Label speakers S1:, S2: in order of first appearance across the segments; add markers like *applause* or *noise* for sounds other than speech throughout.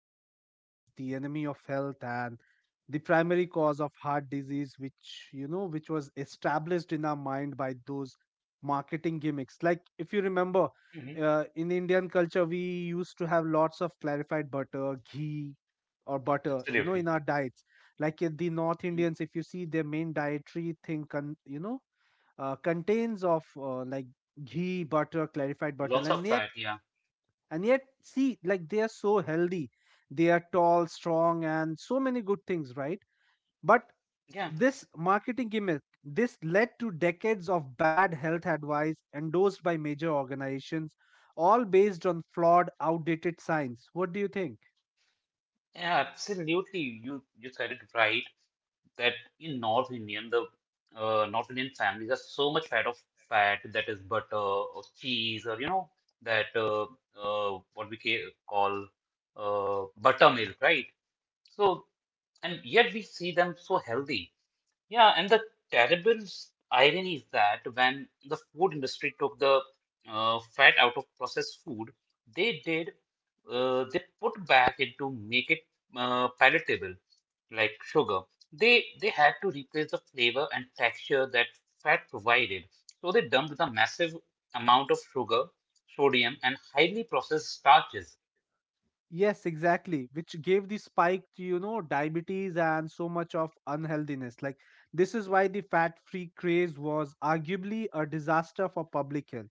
S1: fat is the enemy of health and the primary cause of heart disease, which was established in our mind by those marketing gimmicks. Like, if you remember,
S2: Hmm.
S1: in Indian culture, we used to have lots of clarified butter, ghee, or butter, in our
S2: Absolutely.
S1: diets. Like the North Indians,
S2: Mm.
S1: if you see their main dietary thing, contains of like ghee butter clarified butter
S2: Lots
S1: and
S2: of
S1: yet
S2: that, yeah.
S1: and yet see, like, they are so healthy, they are tall, strong, and so many good things, right? But
S2: Yeah,
S1: this marketing gimmick, this led to decades of bad health advice endorsed by major organizations, all based on flawed outdated science. What do you think?
S2: yeah, absolutely. You said it right that in North Indian, the North Indian families are so much fat of fat, that is butter or cheese, or you know that what we ca call buttermilk, right? So and yet we see them so healthy. Yeah, and the irony is that when the food industry took the fat out of processed food, they did they put back in to make it palatable, like sugar. They had to replace the flavor and texture that fat provided. So they dumped the massive amount of sugar, sodium, and highly processed starches.
S1: Yes, exactly. Which gave the spike to, diabetes and so much of unhealthiness. Like, this is why the fat free craze was arguably a disaster for public health.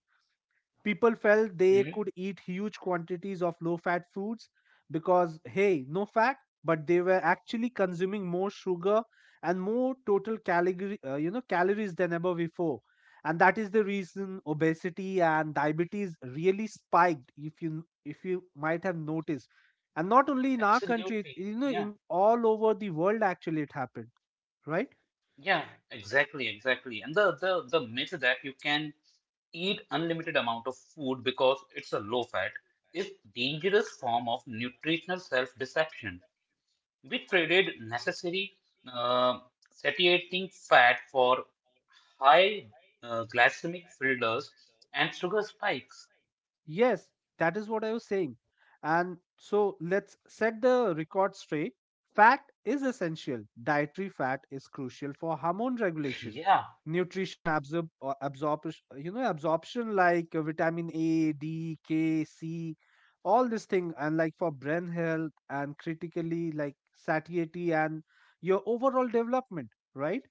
S1: People felt they could
S2: Hmm.
S1: eat huge quantities of low fat foods because, hey, no fat, but they were actually consuming more sugar and more total calories than ever before. And that is the reason obesity and diabetes really spiked, if you might have noticed. And not only in our country,
S2: Absolutely.
S1: you know,
S2: Yeah.
S1: in all over the world, actually, it happened, right?
S2: Yeah, exactly, exactly. And the myth that you can eat unlimited amount of food because it's a low fat is dangerous form of nutritional self-deception. We traded necessary uh, satiating fat for high glycemic fillers and sugar spikes.
S1: Yes, that is what I was saying. And so let's set the record straight. Fat is essential. Dietary fat is crucial for hormone regulation,
S2: Yeah,
S1: nutrition absorb or absorption, you know, absorption like vitamin A, D, K, C, all this thing, and like for brain health and critically like satiety and your overall development, right?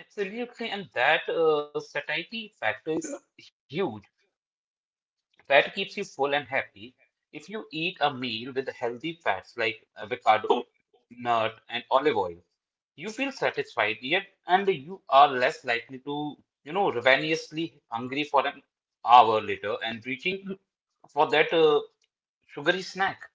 S2: absolutely, and that satiety factor is huge. Fat keeps you full and happy. If you eat a meal with healthy fats like avocado, nut, and olive oil, you feel satisfied yet, and you are less likely to, you know, ravenously hungry for an hour later and reaching for that sugary snack.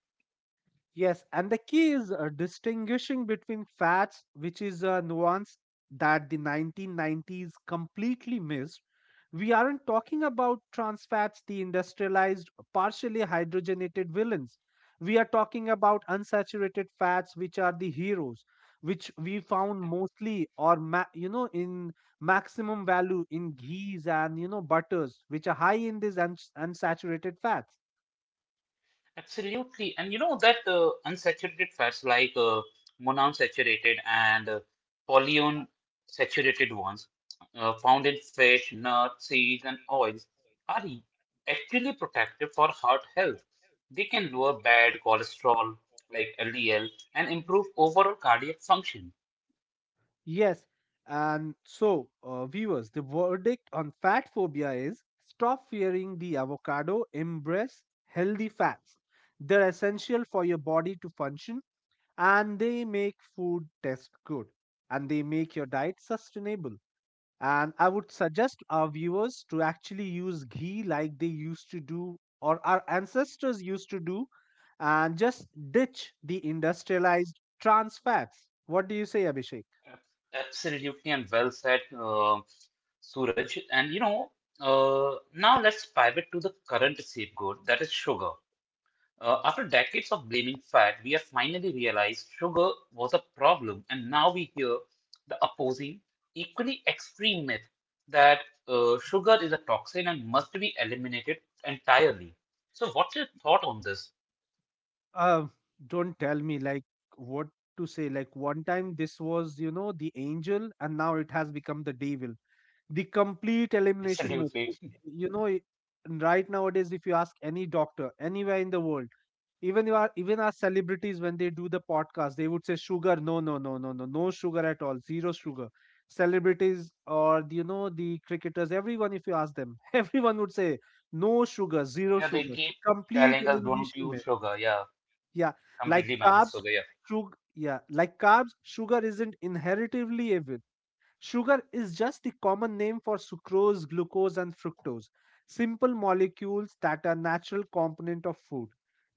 S1: Yes, and the key is distinguishing between fats, which is a nuance that the 1990s completely missed. We aren't talking about trans fats, the industrialized, partially hydrogenated villains. We are talking about unsaturated fats, which are the heroes, which we found mostly or ma- you know in maximum value in ghees and butters, which are high in these unsaturated fats.
S2: Absolutely. And you know that unsaturated fats like monounsaturated and polyunsaturated ones found in fish, nuts, seeds, and oils are e- actually protective for heart health. They can lower bad cholesterol like LDL and improve overall cardiac function.
S1: Yes, and so, viewers, the verdict on fat phobia is stop fearing the avocado, embrace healthy fats. They're essential for your body to function and they make food taste good and they make your diet sustainable. And I would suggest our viewers to actually use ghee like they used to do or our ancestors used to do and just ditch the industrialized trans fats. What do you say, Abhishek?
S2: Ab- Absolutely and well said, Suraj. And you know, now let's pivot to the current scapegoat that is sugar. After decades of blaming fat, we have finally realized sugar was a problem, and now we hear the opposing, equally extreme myth that sugar is a toxin and must be eliminated entirely. So, what's your thought on this?
S1: Uh, don't tell me like what to say. Like, one time this was, the angel and now it has become the devil. The complete elimination method.
S2: Absolutely. *laughs*
S1: Right nowadays, if you ask any doctor anywhere in the world, even you are even our celebrities, when they do the podcast, they would say sugar, no no no no no no sugar at all, zero sugar. Celebrities or the cricketers, everyone, if you ask them, *laughs* everyone would say no sugar, zero
S2: Yeah, they
S1: sugar, the
S2: keep
S1: complete
S2: telling us don't
S1: elimination,
S2: use
S1: man.
S2: sugar. Yeah,
S1: yeah like
S2: completely ban
S1: carbs
S2: sugar. Yeah.
S1: sugar yeah like carbs sugar isn't inheritively evil. Sugar is just the common name for sucrose, glucose, and fructose, simple molecules that are natural component of food.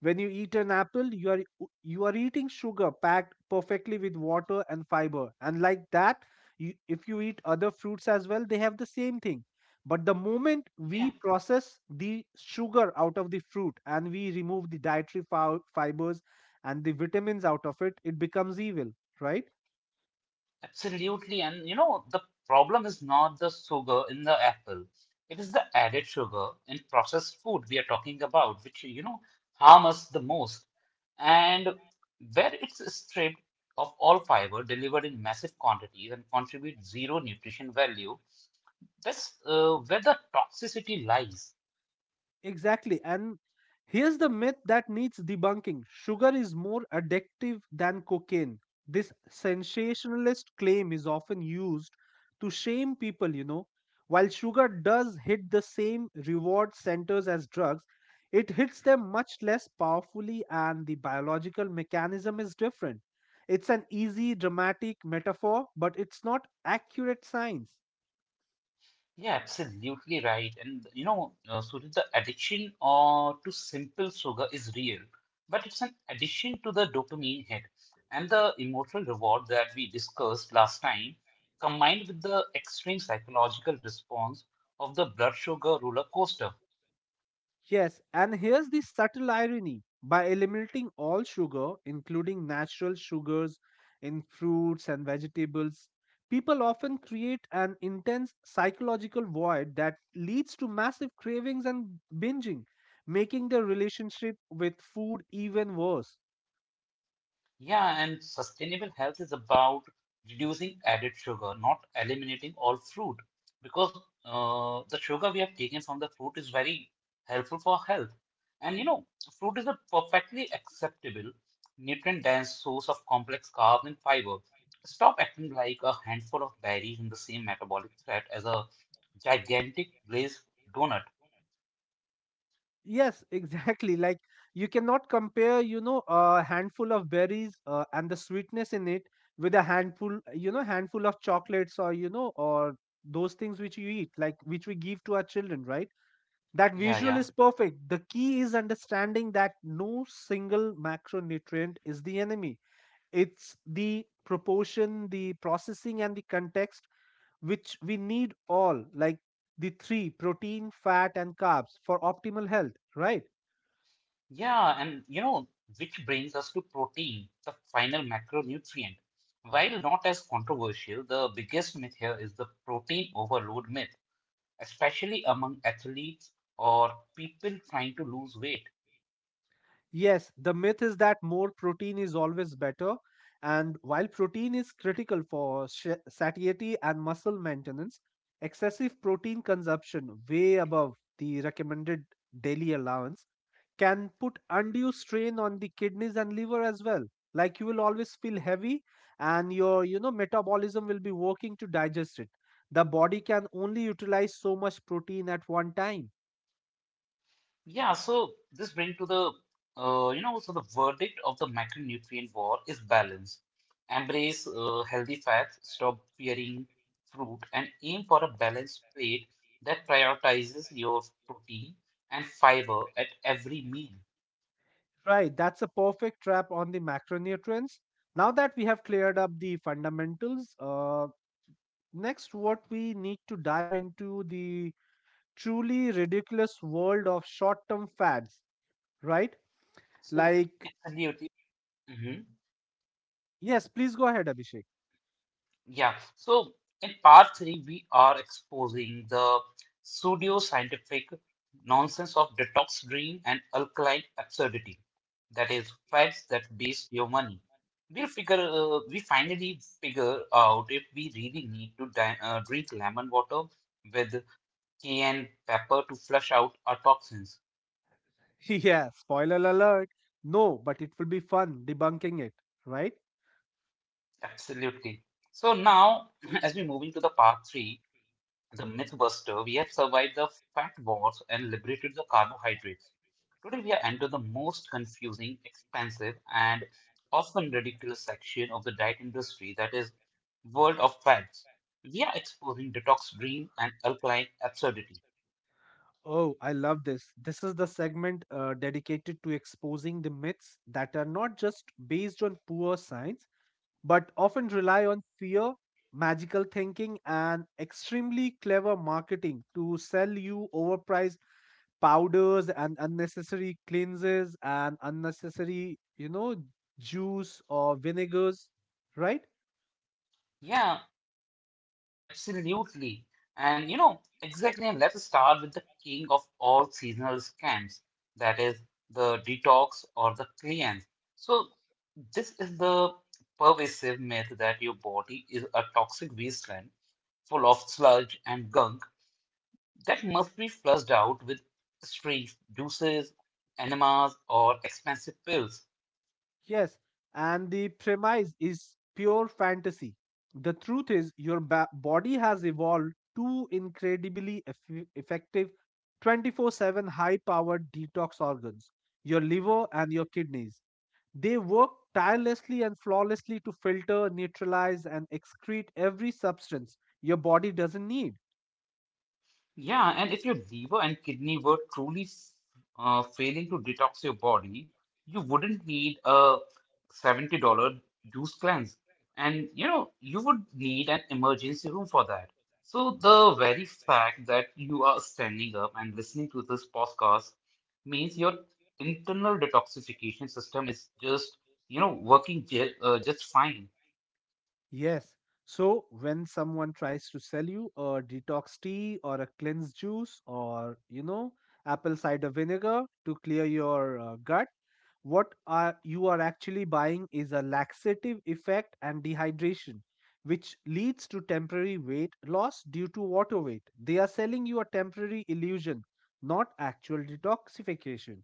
S1: When you eat an apple, you are eating sugar packed perfectly with water and fiber. And like that, you, if you eat other fruits as well, they have the same thing. But the moment we
S2: Yeah.
S1: process the sugar out of the fruit and we remove the dietary fibers and the vitamins out of it, it becomes evil, right?
S2: Absolutely. And you know, the problem is not the sugar in the apple. It is the added sugar in processed food we are talking about, which, you know, harm us the most. And where it's stripped of all fiber, delivered in massive quantities, and contribute zero nutrition value, that's where the toxicity lies.
S1: Exactly. And here's the myth that needs debunking: sugar is more addictive than cocaine. This sensationalist claim is often used to shame people. While sugar does hit the same reward centers as drugs, it hits them much less powerfully, and the biological mechanism is different. It's an easy, dramatic metaphor, but it's not accurate science.
S2: Yeah, absolutely right. And you know, Surya, the addiction to simple sugar is real, but it's an addiction to the dopamine hit and the emotional reward that we discussed last time, combined with the extreme psychological response of the blood sugar roller coaster.
S1: Yes, and here's the subtle irony. By eliminating all sugar, including natural sugars in fruits and vegetables, people often create an intense psychological void that leads to massive cravings and binging, making the relationship with food even worse.
S2: Yeah, and sustainable health is about reducing added sugar, not eliminating all fruit, because the sugar we have taken from the fruit is very helpful for health. And you know, fruit is a perfectly acceptable, nutrient-dense source of complex carbs and fiber. Stop acting like a handful of berries in the same metabolic threat as a gigantic glazed donut.
S1: Yes, exactly. Like, you cannot compare, a handful of berries and the sweetness in it with a handful of chocolates, or those things which you eat, like which we give to our children, right? That
S2: Yeah,
S1: visual
S2: yeah.
S1: is perfect. The key is understanding that no single macronutrient is the enemy. It's the proportion, the processing, and the context, which we need all, like the three: protein, fat, and carbs for optimal health, right?
S2: Yeah, and you know, which brings us to protein, the final macronutrient. While not as controversial, the biggest myth here is the protein overload myth, especially among athletes or people trying to lose weight.
S1: Yes, the myth is that more protein is always better. And while protein is critical for satiety and muscle maintenance, excessive protein consumption, way above the recommended daily allowance, can put undue strain on the kidneys and liver as well. Like, you will always feel heavy, and your, you know, metabolism will be working to digest it. The body can only utilize so much protein at one time.
S2: Yeah, so this brings to the, you know, so the verdict of the macronutrient war is balance. Embrace healthy fats, stop fearing fruit, and aim for a balanced plate that prioritizes your protein and fiber at every meal.
S1: Right, that's a perfect trap on the macronutrients. Now that we have cleared up the fundamentals, next what we need to dive into the truly ridiculous world of short-term fads, right?
S2: So,
S1: Like,
S2: absolutely. Mm-hmm.
S1: yes, please go ahead, Abhishek.
S2: Yeah, so in part three, we are exposing the pseudo-scientific nonsense of detox dream and alkaline absurdity, that is, fads that waste your money. We finally figure out if we really need to di drink lemon water with cayenne pepper to flush out our toxins.
S1: *laughs* Yeah, spoiler alert. No, but it will be fun debunking it, right?
S2: Absolutely. So now, *clears throat* as we move into the part three, the MythBuster, we have survived the fat wars and liberated the carbohydrates. Today, we are enter the most confusing, expensive, and often ridiculous section of the diet industry, that is world of fads. We are exposing detox dream and alkaline absurdity.
S1: Oh, I love this. This is the segment dedicated to exposing the myths that are not just based on poor science, but often rely on fear, magical thinking, and extremely clever marketing to sell you overpriced powders and unnecessary cleanses and unnecessary, juice or vinegars, right?
S2: Yeah, absolutely. And you know, exactly. And let's start with the king of all seasonal scams, that is the detox or the cleanse. So, this is the pervasive myth that your body is a toxic wasteland full of sludge and gunk that must be flushed out with streaks, juices, enemas, or expensive pills.
S1: Yes. And the premise is pure fantasy. The truth is, your body has evolved two incredibly effective 24/7 high powered detox organs, your liver and your kidneys. They work tirelessly and flawlessly to filter, neutralize, and excrete every substance your body doesn't need.
S2: Yeah, and if your liver and kidney were truly failing to detox your body, you wouldn't need a $70 juice cleanse. And you know, you would need an emergency room for that. So the very fact that you are standing up and listening to this podcast means your internal detoxification system is just, you know, working just fine.
S1: Yes. So when someone tries to sell you a detox tea or a cleanse juice, or apple cider vinegar to clear your gut, what are you are actually buying is a laxative effect and dehydration which leads to temporary weight loss due to water weight. They are selling you a temporary illusion, not actual detoxification.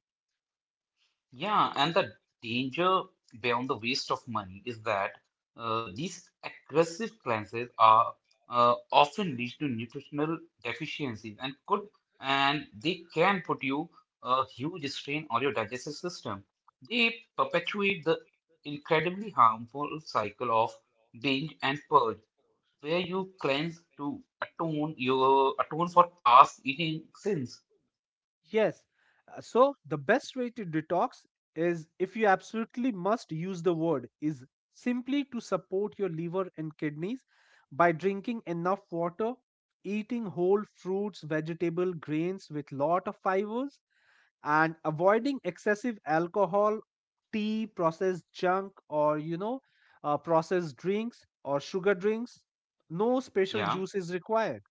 S2: Yeah, and the danger beyond the waste of money is that these aggressive cleanses are often lead to nutritional deficiencies, and they can put you a huge strain on your digestive system. They perpetuate the incredibly harmful cycle of binge and purge, where you cleanse to atone for past eating sins.
S1: Yes. So the best way to detox, is if you absolutely must use the word, is simply to support your liver and kidneys by drinking enough water, eating whole fruits, vegetable, grains with lot of fibers, and avoiding excessive alcohol, tea, processed junk, or, you know, processed drinks or sugar drinks. No special
S2: Yeah.
S1: juice is required.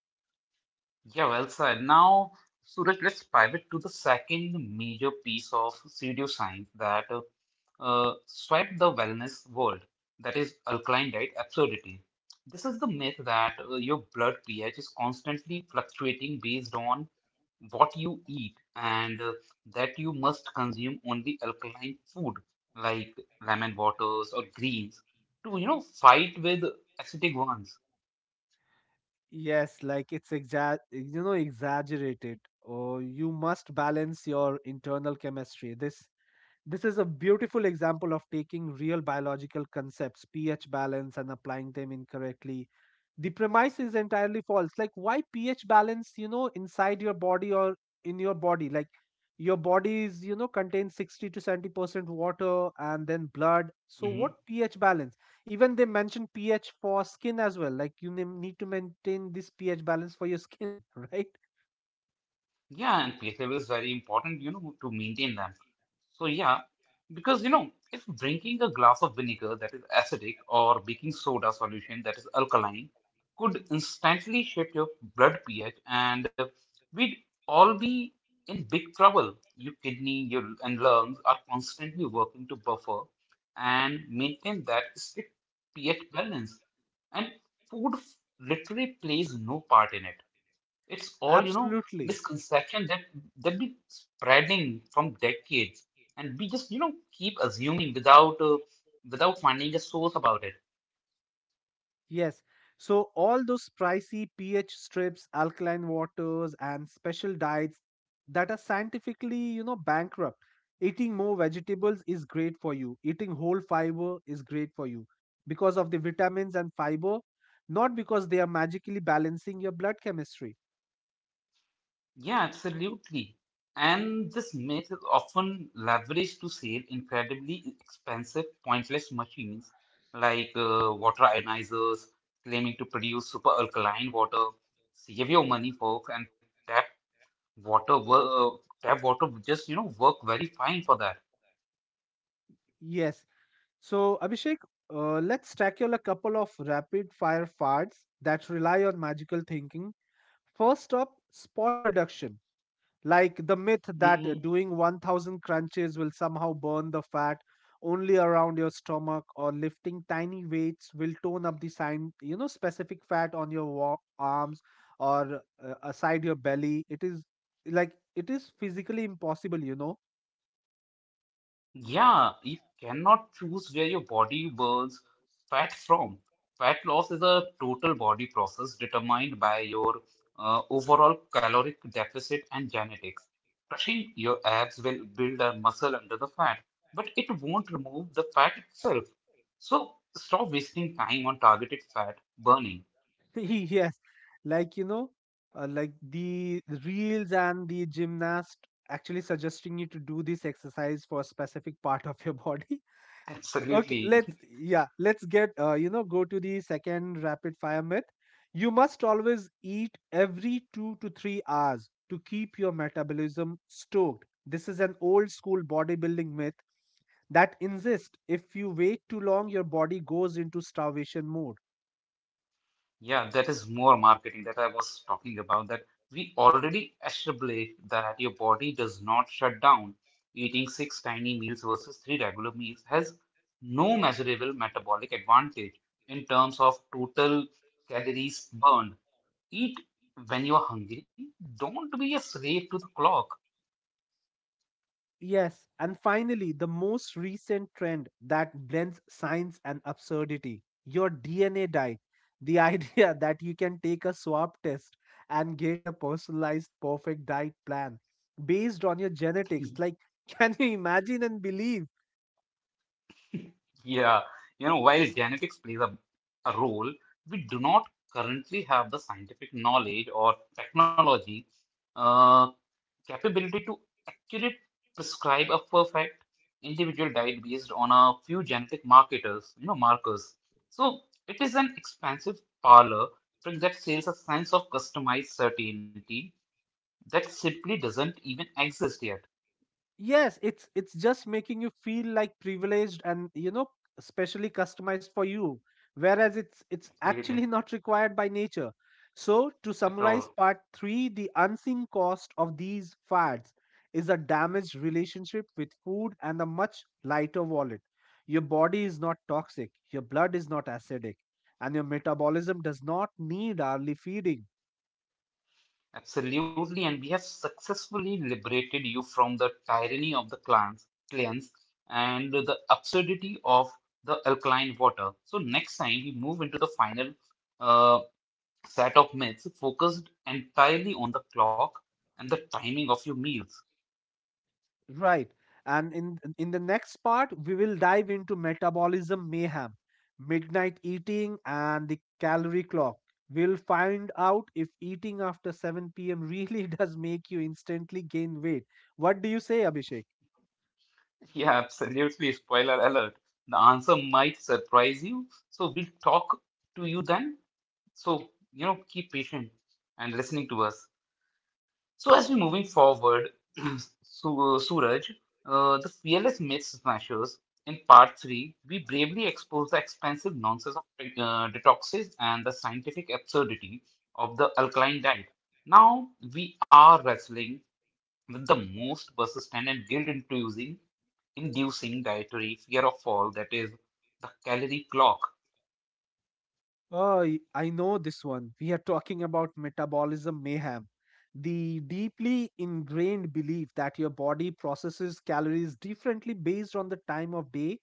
S2: Yeah, well said. Now, Suraj, let's pivot to the second major piece of pseudoscience that swept the wellness world, that is alkaline diet absurdity. This is the myth that your blood pH is constantly fluctuating based on what you eat, and that you must consume only alkaline food like lemon waters or greens to, you know, fight with acidic ones.
S1: Yes, like, it's exa- you know exaggerated, or you must balance your internal chemistry, this. Is a beautiful example of taking real biological concepts, pH balance, and applying them incorrectly. The premise is entirely false. Like, why pH balance, inside your body or in your body? Like, your body is, contains 60 to 70% water and then blood. So,
S2: Mm-hmm.
S1: what pH balance? Even they mention pH for skin as well. Like, you need to maintain this pH balance for your skin, *laughs* right?
S2: Yeah, and place level is very important, you know, to maintain them. So yeah, because you know, if drinking a glass of vinegar that is acidic or baking soda solution that is alkaline could instantly shift your blood pH, and we'd all be in big trouble. Your kidney, your and lungs are constantly working to buffer and maintain that strict pH balance, and literally plays no part in it. It's all, you know,
S1: Absolutely.
S2: misconception that that be spreading from decades, and we just, you know, keep assuming without without finding a source about it.
S1: Yes. So all those pricey pH strips, alkaline waters, and special diets that are scientifically, you know, bankrupt. Eating more vegetables is great for you. Eating whole fiber is great for you because of the vitamins and fiber, not because they are magically balancing your blood chemistry.
S2: Yeah, absolutely. And this myth is often leveraged to sell incredibly expensive, pointless machines like water ionizers, claiming to produce super alkaline water. Save your money, folks, and tap water, wo- tap water would just, you know, work very fine for that.
S1: Yes. So, Abhishek, let's tackle a couple of rapid fire fads that rely on magical thinking. First up, spot reduction, like the myth that
S2: Mm-hmm.
S1: doing 1,000 crunches will somehow burn the fat only around your stomach, or lifting tiny weights will tone up the specific fat on your arms or aside your belly. It is, like, it is physically impossible.
S2: Yeah, you cannot choose where your body burns fat from. Fat loss is a total body process determined by your overall caloric deficit and genetics. Crushing your abs will build a muscle under the fat, but it won't remove the fat itself. So stop wasting time on targeted fat burning.
S1: *laughs* Yes, like, the reels and the gymnast actually suggesting you to do this exercise for a specific part of your *laughs* body. Okay,
S2: Absolutely.
S1: let's get go to the second rapid fire myth. You must always eat every 2 to 3 hours to keep your metabolism stoked. This is an old school bodybuilding myth that insists if you wait too long, your body goes into starvation mode.
S2: Yeah, that is more marketing that I was talking about. That we already established that your body does not shut down. Eating six tiny meals versus three regular meals has no measurable metabolic advantage in terms of total calories burned. Eat when you're hungry. Don't be a slave to the clock.
S1: Yes, and finally, the most recent trend that blends science and absurdity: your DNA diet. The idea *laughs* that you can take a swab test and get a personalized, perfect diet plan based on your genetics. Like,
S2: *laughs*
S1: *laughs* can you imagine and believe?
S2: Yeah, you know, while genetics plays a role, we do not currently have the scientific knowledge or technology uh, capability to accurately prescribe a perfect individual diet based on a few genetic marketers, you know, markers. So it is an expansive parlor trick that sells a sense of customized certainty that simply doesn't even exist yet.
S1: Yes, it's just making you feel like privileged and you know specially customized for you, whereas it's actually
S2: Absolutely.
S1: *laughs* not required by nature. So to
S2: At
S1: summarize
S2: all.
S1: part 3, the unseen cost of these fads is a damaged relationship with food and a much lighter wallet. Your body is not toxic, your blood is not acidic, and your metabolism does not need hourly feeding.
S2: Absolutely. And we have successfully liberated you from the tyranny of the clans and the absurdity of the alkaline water. So next time we move into the final uh, set of myths focused entirely on the clock and the timing of your meals. *laughs*
S1: Right. And in the next part, we will dive into metabolism mayhem, midnight eating, and the calorie clock. We'll find out if eating after 7 p.m. really *laughs* does make you instantly gain weight. What do you say, Abhishek?
S2: Yeah, absolutely. Spoiler alert. The answer might surprise you. So we'll talk to you then. So, you know, keep patient and listening to us. So as we're moving forward, *clears throat* Suraj, the fearless myth smashers in part three, we bravely expose the expensive nonsense of detoxes and the scientific absurdity of the alkaline diet. Now we are wrestling with the most persistent and guilt-inducing inducing dietary fear of all, that is the calorie clock.
S1: Oh, I know this one. We are talking about metabolism mayhem, the deeply ingrained belief that your body processes calories differently based on the time of day,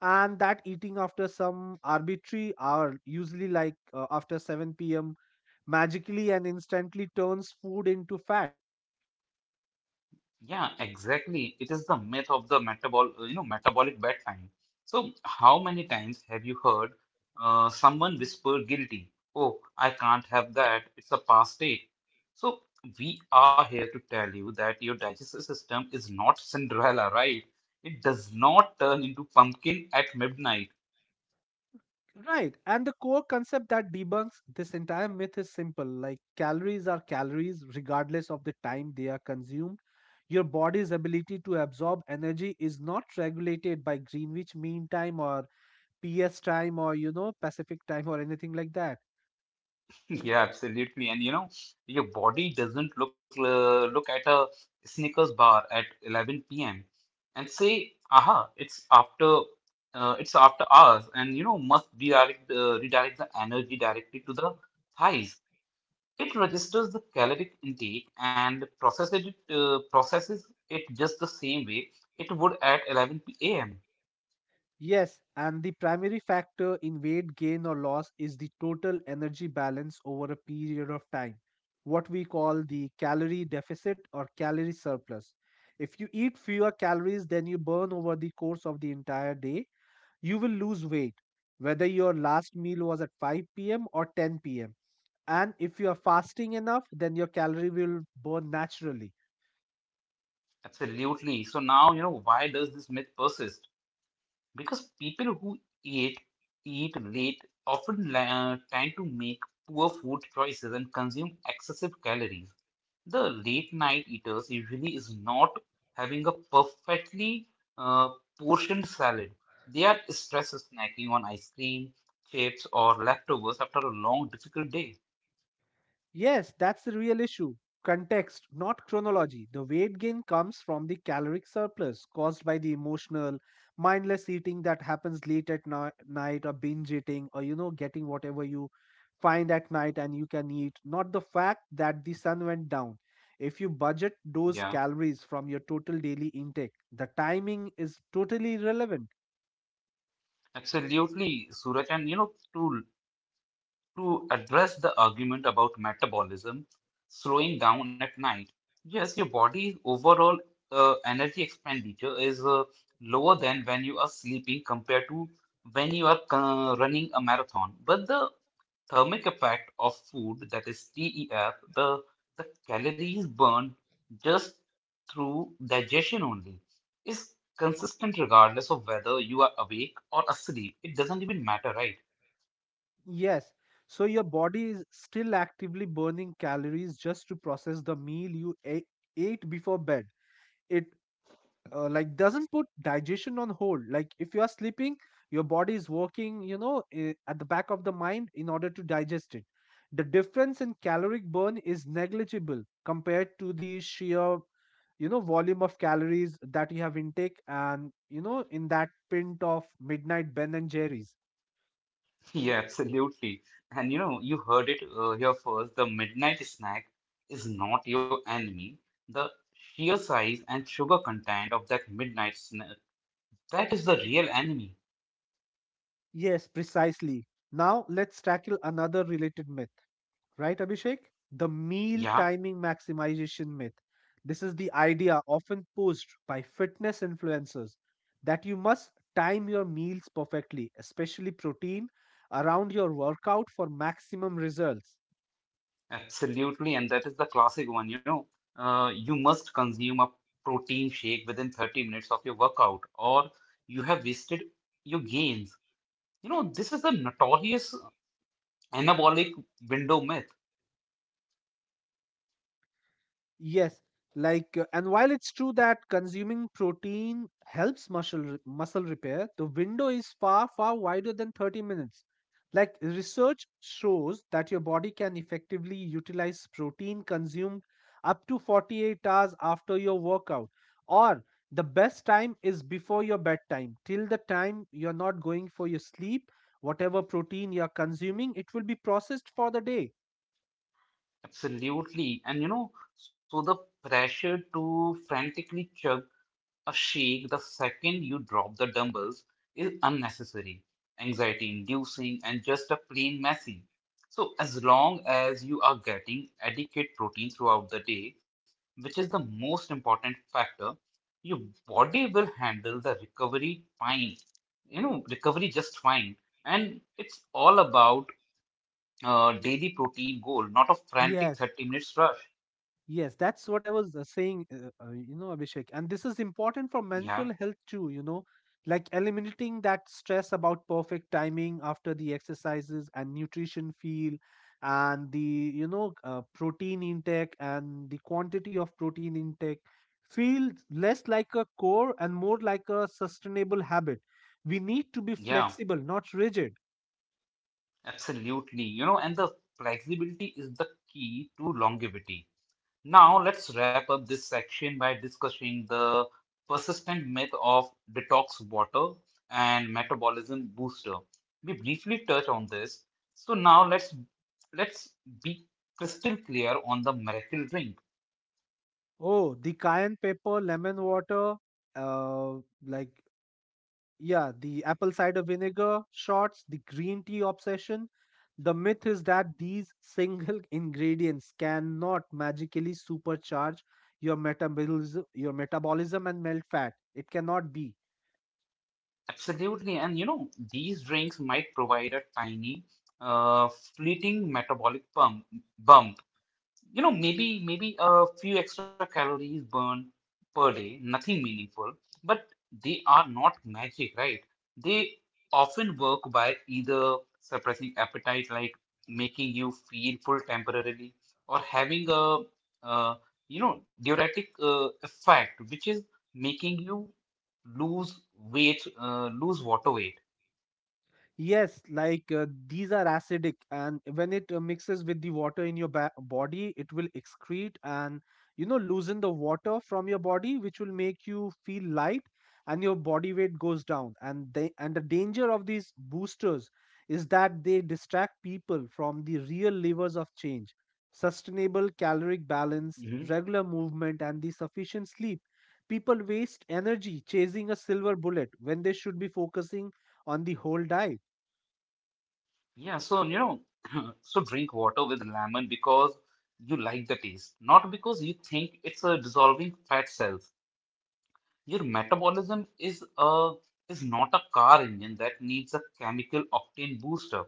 S1: and that eating after some arbitrary hour, usually like after 7 p.m., magically and instantly turns food into fat.
S2: Yeah, exactly. It is the myth of the you know, metabolic bedtime. So, how many times have you heard someone whisper guilty? Oh, I can't have that. It's a past date. So, we are here to tell you that your digestive system is not Cinderella, right? It does not turn into pumpkin at midnight.
S1: Right. And the core concept that debunks this entire myth is simple, like calories are calories regardless of the time they are consumed. Your body's ability to absorb energy is not regulated by Greenwich Mean Time or PS time or, you know, Pacific time or anything like that.
S2: *laughs* Yeah, absolutely. And you know, your body doesn't look at a Snickers bar at 11 p.m. and say, "Aha, it's after hours," and you know, must redirect redirect the energy directly to the thighs. It registers the caloric intake and processes it just the same way it would at 11 p.m.
S1: Yes, and the primary factor in weight gain or loss is the total energy balance over a period of time, what we call the calorie deficit or calorie surplus. If you eat fewer calories than you burn over the course of the entire day, you will lose weight, whether your last meal was at 5 p.m. or 10 p.m. And if you are fasting enough, then your calorie will burn naturally.
S2: Absolutely. So now you know why does this myth persist? Because people who eat eat late often tend to make poor food choices and consume excessive calories. The late night eaters usually is not having a perfectly uh, portioned salad. They are stress snacking on ice cream, chips, or leftovers after a long, difficult day.
S1: Yes, that's the real issue. Context, not chronology. The weight gain comes from the caloric surplus caused by the emotional, mindless eating that happens late at night, or binge eating, or, you know, getting whatever you find at night and you can eat, not the fact that the sun went down. If you budget those
S2: Yeah,
S1: calories from your total daily intake, the timing is totally irrelevant.
S2: absolutely, Suraj. And you know, to address the argument about metabolism slowing down at night. Yes, your body's overall energy expenditure is lower than when you are sleeping compared to when you are running a marathon. But the thermic effect of food, that is TEF, the calories burned just through digestion only, is consistent regardless of whether you are awake or asleep. It doesn't even matter, right?
S1: Yes. So your body is still actively burning calories just to process the meal you ate before bed. It like doesn't put digestion on hold. Like if you are sleeping, your body is working, you know, at the back of the mind in order to digest it. The difference in caloric burn is negligible compared to the sheer, you know, volume of calories that you have intake and, you know, in that pint of midnight Ben and Jerry's.
S2: *laughs* Yeah, absolutely. And you know, you heard it here first. The midnight snack is not your enemy. The sheer size and sugar content of that midnight snack, that is the real enemy.
S1: Yes, precisely. Now let's tackle another related myth, right, Abhishek? The meal
S2: Yeah,
S1: timing maximization myth. This is the idea often posed by fitness influencers that you must time your meals perfectly, especially protein, around your workout for maximum results.
S2: absolutely. And that is the classic one, you know. You must consume a protein shake within 30 minutes of your workout, or you have wasted your gains. You know, this is the notorious anabolic window myth.
S1: Yes, and while it's true that consuming protein helps muscle repair, the window is far wider than 30 minutes. Like research shows that your body can effectively utilize protein consumed up to 48 hours after your workout, or the best time is before your bedtime, till the time you're not going for your sleep, whatever protein you're consuming it will be processed for the day.
S2: Absolutely. And you know, so the pressure to frantically chug a shake the second you drop the dumbbells is unnecessary, anxiety inducing, and just a plain messy. So, as long as you are getting adequate protein throughout the day, which is the most important factor, your body will handle the recovery fine. You know, recovery just fine. And it's all about daily protein goal, not a frantic
S1: Yes.
S2: 30 minutes rush.
S1: Yes, that's what I was saying, you know, Abhishek. And this is important for
S2: Yeah,
S1: mental health too, you know, like eliminating that stress about perfect timing after the exercises and nutrition feel and the protein intake and the quantity of protein intake feel less like a core and more like a sustainable habit. We need to be
S2: yeah,
S1: flexible, not rigid.
S2: absolutely. You know, and the flexibility is the key to longevity. Now, let's wrap up this section by discussing the persistent myth of detox water and metabolism booster. We briefly touched on this. So now let's be crystal clear on the miracle drink.
S1: Oh, the cayenne pepper, lemon water, uh, like yeah, the apple cider vinegar shots, the green tea obsession. The myth is that these single *laughs* ingredients cannot magically supercharge your metabolism and melt fat. It cannot be.
S2: Absolutely, and you know, these drinks might provide a tiny, uh, fleeting metabolic bump, bump, you know, maybe a few extra calories burned per day, nothing meaningful, but they are not magic, right? They often work by either suppressing appetite, like making you feel full temporarily, or having a uh, you know, diuretic effect, which is making you lose weight, lose water
S1: Yes, like these are acidic, and when it mixes with the water in your body, it will excrete and you know loosen the water from your body, which will make you feel light, and your body weight goes down. And the danger of these boosters is that they distract people from the real levers of change: sustainable caloric balance,
S2: weight.
S1: regular movement, and the sufficient sleep. People waste energy chasing a silver bullet when they should be focusing on the whole diet.
S2: Yeah, so you know, *clears throat* *laughs* so drink water with lemon because you like the taste, not because you think it's a dissolving fat cells. Your metabolism is a is not a car engine that needs a chemical octane booster.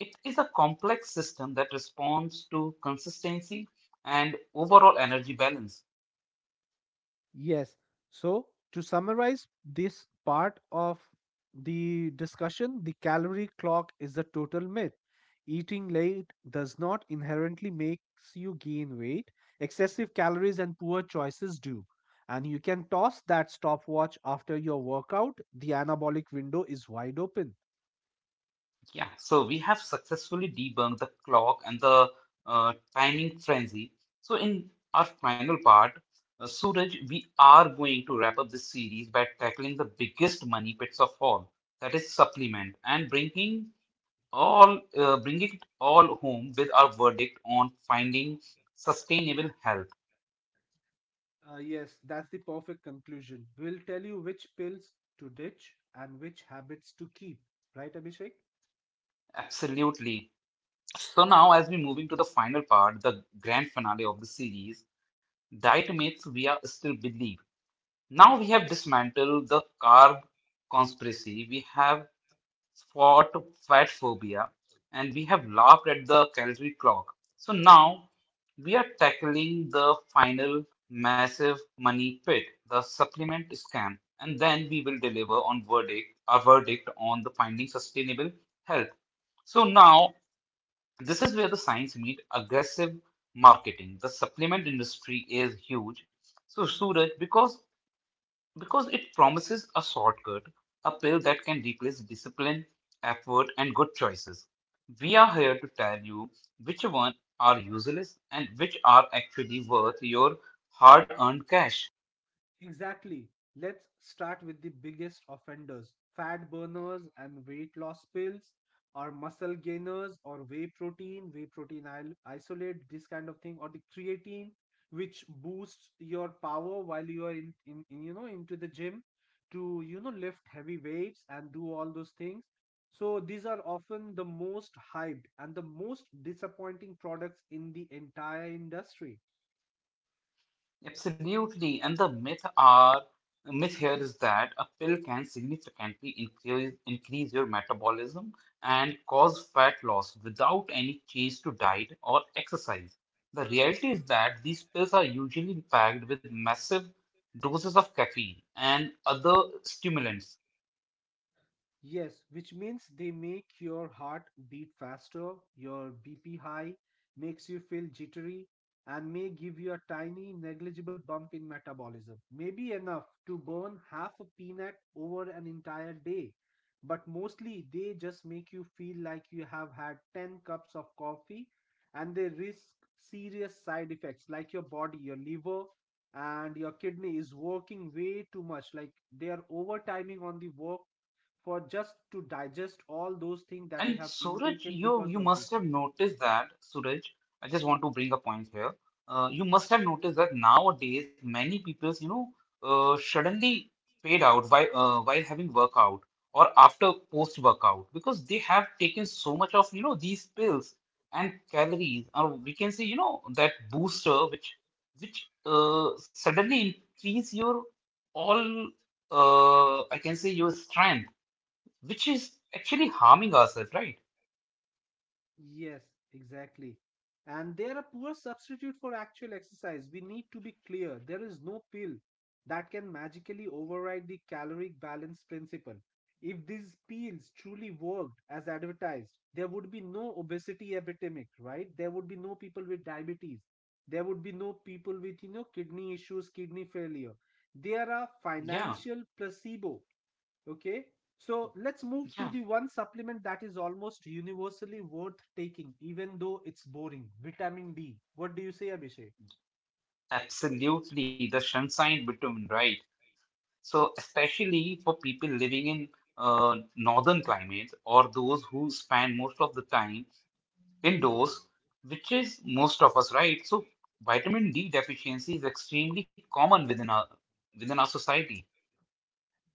S2: It is a complex system that responds to consistency and overall energy balance.
S1: Yes. So, to summarize this part of the discussion, the calorie clock is a total myth. Eating late does not inherently makes you gain weight. Excessive calories and poor choices do. And you can toss that stopwatch after your workout. The anabolic window is wide open.
S2: Yeah, so we have successfully debunked the clock and the timing frenzy. So, in our final part, Suraj, we are going to wrap up this series by tackling the biggest money pits of all, that is supplement, and bringing all bringing it all home with our verdict on finding sustainable health.
S1: Yes, that's the perfect conclusion. We'll tell you which pills to ditch and which habits to keep. Right, Abhishek?
S2: Absolutely. So now, as we move into the final part, the grand finale of the series, diet myths we are still believe. Now we have dismantled the carb conspiracy, we have fought fat phobia, and we have laughed at the calorie clock. So now we are tackling the final massive money pit, the supplement scam, and then we will deliver on verdict, our verdict on the finding sustainable health. So now this is where the science meet aggressive marketing. The supplement industry is huge. So Suraj, because it promises a shortcut, a pill that can replace discipline, effort, and good choices. We are here to tell you which one are useless and which are actually worth your hard earned cash.
S1: Exactly. Let's start with the biggest offenders: fat burners and weight loss pills, or muscle gainers, or whey protein, isolate, this kind of thing, or the creatine, which boosts your power while you are in you know into the gym to you know lift heavy weights and do all those things. So these are often the most hyped and the most disappointing products in the entire industry.
S2: Absolutely, and the myth here is that a pill can significantly increase your metabolism and cause fat loss without any change to diet or exercise. The reality is that these pills are usually packed with massive doses of caffeine and other stimulants.
S1: Yes, which means they make your heart beat faster, your BP high, makes you feel jittery, and may give you a tiny negligible bump in metabolism. Maybe enough to burn half a peanut over an entire day. But mostly they just make you feel like you have had 10 cups of coffee, and they risk serious side effects, like your body, your liver, and your kidney is working way too much. Like they are overtiming on the work for just to digest all those things that you
S2: And
S1: have
S2: Suraj,
S1: intaken
S2: you
S1: because
S2: you
S1: of this.
S2: must have noticed that, Suraj, I just want to bring a point here. You must have noticed that nowadays many people, you know, suddenly fade out while having workout or after post workout because they have taken so much of, you know, these pills and calories, or we can say, you know, that booster which suddenly increase your all I can say your strength, which is actually harming ourselves, right?
S1: Yes, exactly. And they are a poor substitute for actual exercise. We need to be clear. There is no pill that can magically override the caloric balance principle. If these pills truly worked as advertised, there would be no obesity epidemic, right? There would be no people with diabetes. There would be no people with, you know, kidney issues, kidney failure. They are a
S2: Yeah,
S1: financial placebo. Okay. So let's move to the
S2: yeah,
S1: one supplement that is almost universally worth taking, even though it's boring: vitamin D. What do you say, Abhishek?
S2: absolutely. The sunshine vitamin, right? So, especially for people living in uh, northern climates or those who spend most of the time indoors, which is most of us, right? So, vitamin D deficiency is extremely common within our society.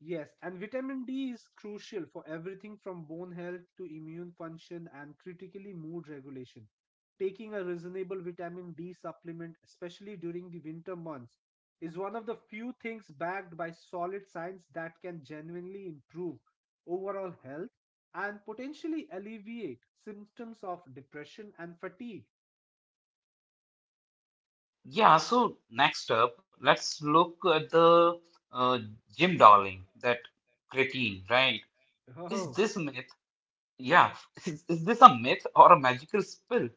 S1: Yes, and vitamin D is crucial for everything from bone health to immune function and, critically, mood regulation. Taking a reasonable vitamin D supplement, especially during the winter months, is one of the few things backed by solid science that can genuinely improve overall health and potentially alleviate symptoms of depression and fatigue.
S2: Yeah, so next up, let's look at the uh, Jim Darling, that creatine, right? Is
S1: *laughs*
S2: this myth? Yeah, *laughs* is this a myth or a magical spell?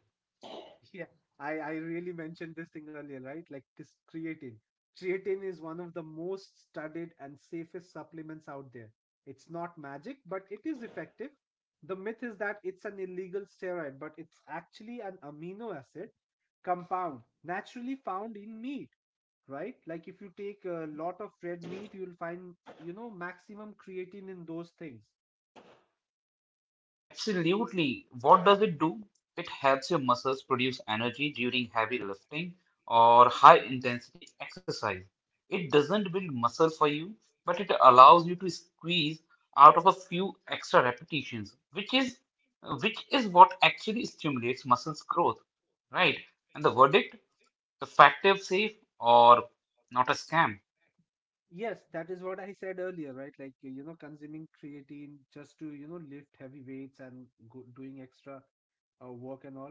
S1: Yeah, I really mentioned this thing earlier, right? Like this creatine. Creatine is one of the most studied and safest supplements out there. It's not magic, but it is effective. The myth is that it's an illegal steroid, but it's actually an amino acid compound naturally found in meat, right? Like if you take a lot of red meat, you'll find, you know, maximum creatine in those things.
S2: Absolutely. What does it do? It helps your muscles produce energy during heavy lifting or high intensity exercise. It doesn't build muscle for you, but it allows you to squeeze out of a few extra repetitions, which is what actually stimulates muscles growth, right? And the verdict, the factor safe or not a scam.
S1: Yes, that is what I said earlier, right? Like, you know, consuming creatine just to, you know, lift heavy weights and go, doing extra work and all.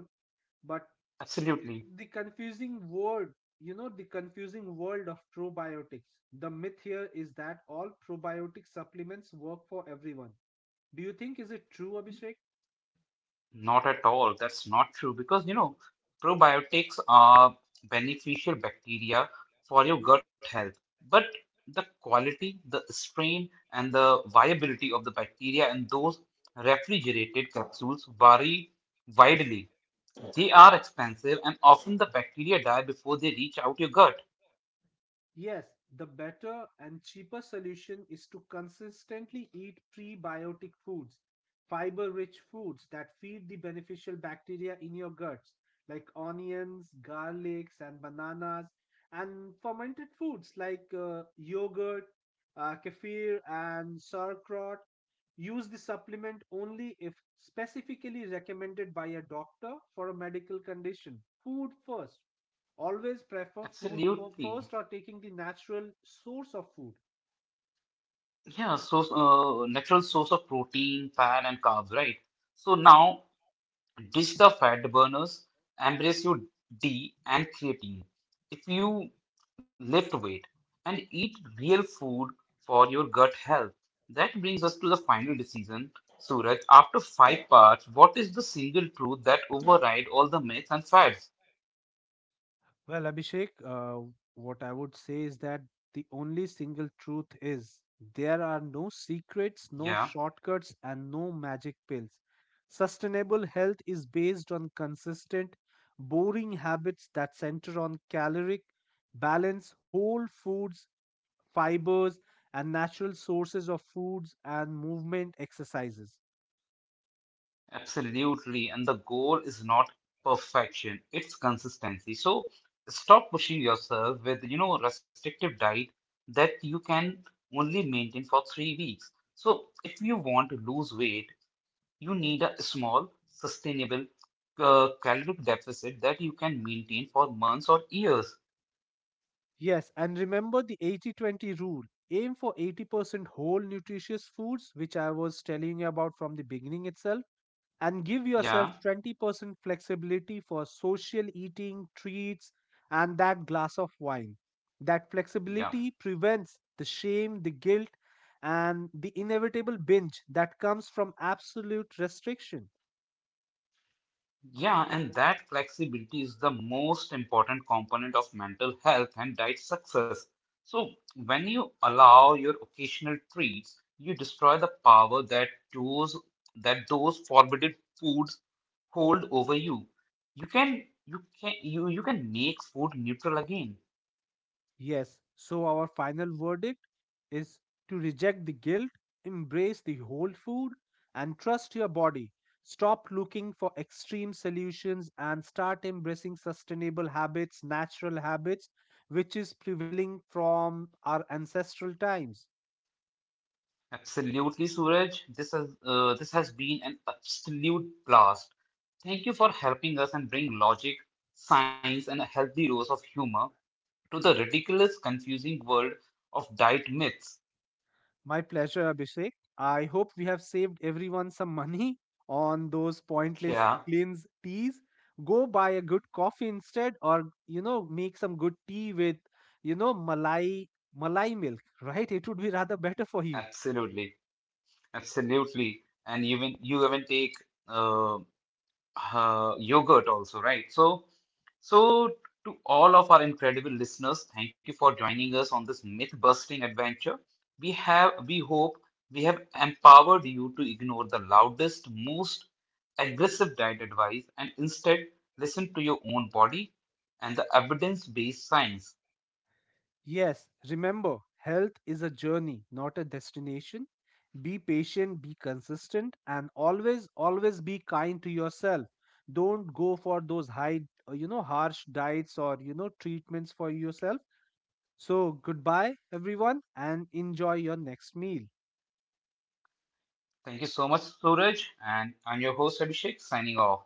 S1: But
S2: Absolutely.
S1: the confusing world, the confusing world of probiotics. The myth here is that all probiotic supplements work for everyone. Do you think is it true, Abhishek?
S2: Not at all. That's not true because you know probiotics are beneficial bacteria for your gut health, but the quality, the strain, and the viability of the bacteria in those refrigerated capsules vary widely. They are expensive, and often the bacteria die before they reach out your gut.
S1: Yes, the better and cheaper solution is to consistently eat prebiotic foods, fiber rich foods that feed the beneficial bacteria in your guts, like onions, garlics, and bananas, and fermented foods like yogurt, kefir, and sauerkraut. Use the supplement only if specifically recommended by a doctor for a medical condition. Food first, always prefer food for
S2: Absolutely.
S1: first or taking the natural source of food?
S2: Yeah, so natural source of protein, fat, and carbs, right? So now ditch the fat burners, embrace your D and creatine. If you lift weight and eat real food for your gut health, that brings us to the final decision. Suraj, after five parts, what is the single truth that override all the myths and fads?
S1: Well, Abhishek, what I would say is that the only single truth is there are no secrets, no
S2: Yeah.
S1: shortcuts, and no magic pills. Sustainable health is based on consistent, boring habits that center on caloric balance, whole foods, fibers, and natural sources of foods and movement exercises.
S2: Absolutely. And the goal is not perfection, it's consistency. So stop pushing yourself with, you know, restrictive diet that you can only maintain for 3 weeks. So if you want to lose weight, you need a small, sustainable caloric deficit that you can maintain for months or years.
S1: Yes, and remember the 80/20 rule. Aim for 80% whole nutritious foods, which I was telling you about from the beginning itself, and give yourself
S2: Yeah,
S1: 20% flexibility for social eating, treats, and that glass of wine. That
S2: yeah.
S1: flexibility prevents the shame, the guilt, and the inevitable binge that comes from absolute restriction.
S2: Yeah, and that flexibility is the most important component of mental health and diet success. So, when you allow your occasional treats, you destroy the power those that those forbidden foods hold over you. You can make food neutral again.
S1: Yes, so our final verdict is to reject the guilt, embrace the whole food, and trust your body. Stop looking for extreme solutions and start embracing sustainable habits, natural habits, which is prevailing from our ancestral times.
S2: Absolutely, Suraj. This has been an absolute blast. Thank you for helping us and bring logic, science, and a healthy dose of humor to the ridiculous, confusing world of diet myths.
S1: My pleasure, Abhishek. I hope we have saved everyone some money on those pointless
S2: Yeah,
S1: cleanse teas. Go buy a good coffee instead, or you know, make some good tea with you know malai milk, right? It would be rather better for you.
S2: absolutely, absolutely. And even you even take uh, yogurt also, right? So, so to all of our incredible listeners, thank you for joining us on this myth-busting adventure. We hope, we have empowered you to ignore the loudest, most aggressive diet advice and instead listen to your own body and the evidence-based science.
S1: Yes, remember, health is a journey, not a destination. Be patient, be consistent, and always, always be kind to yourself. Don't go for those high, you know, harsh diets or you know treatments for yourself. So, goodbye, everyone, and enjoy your next meal.
S2: Thank you so much, Suraj. And I'm your host, Abhishek, signing off.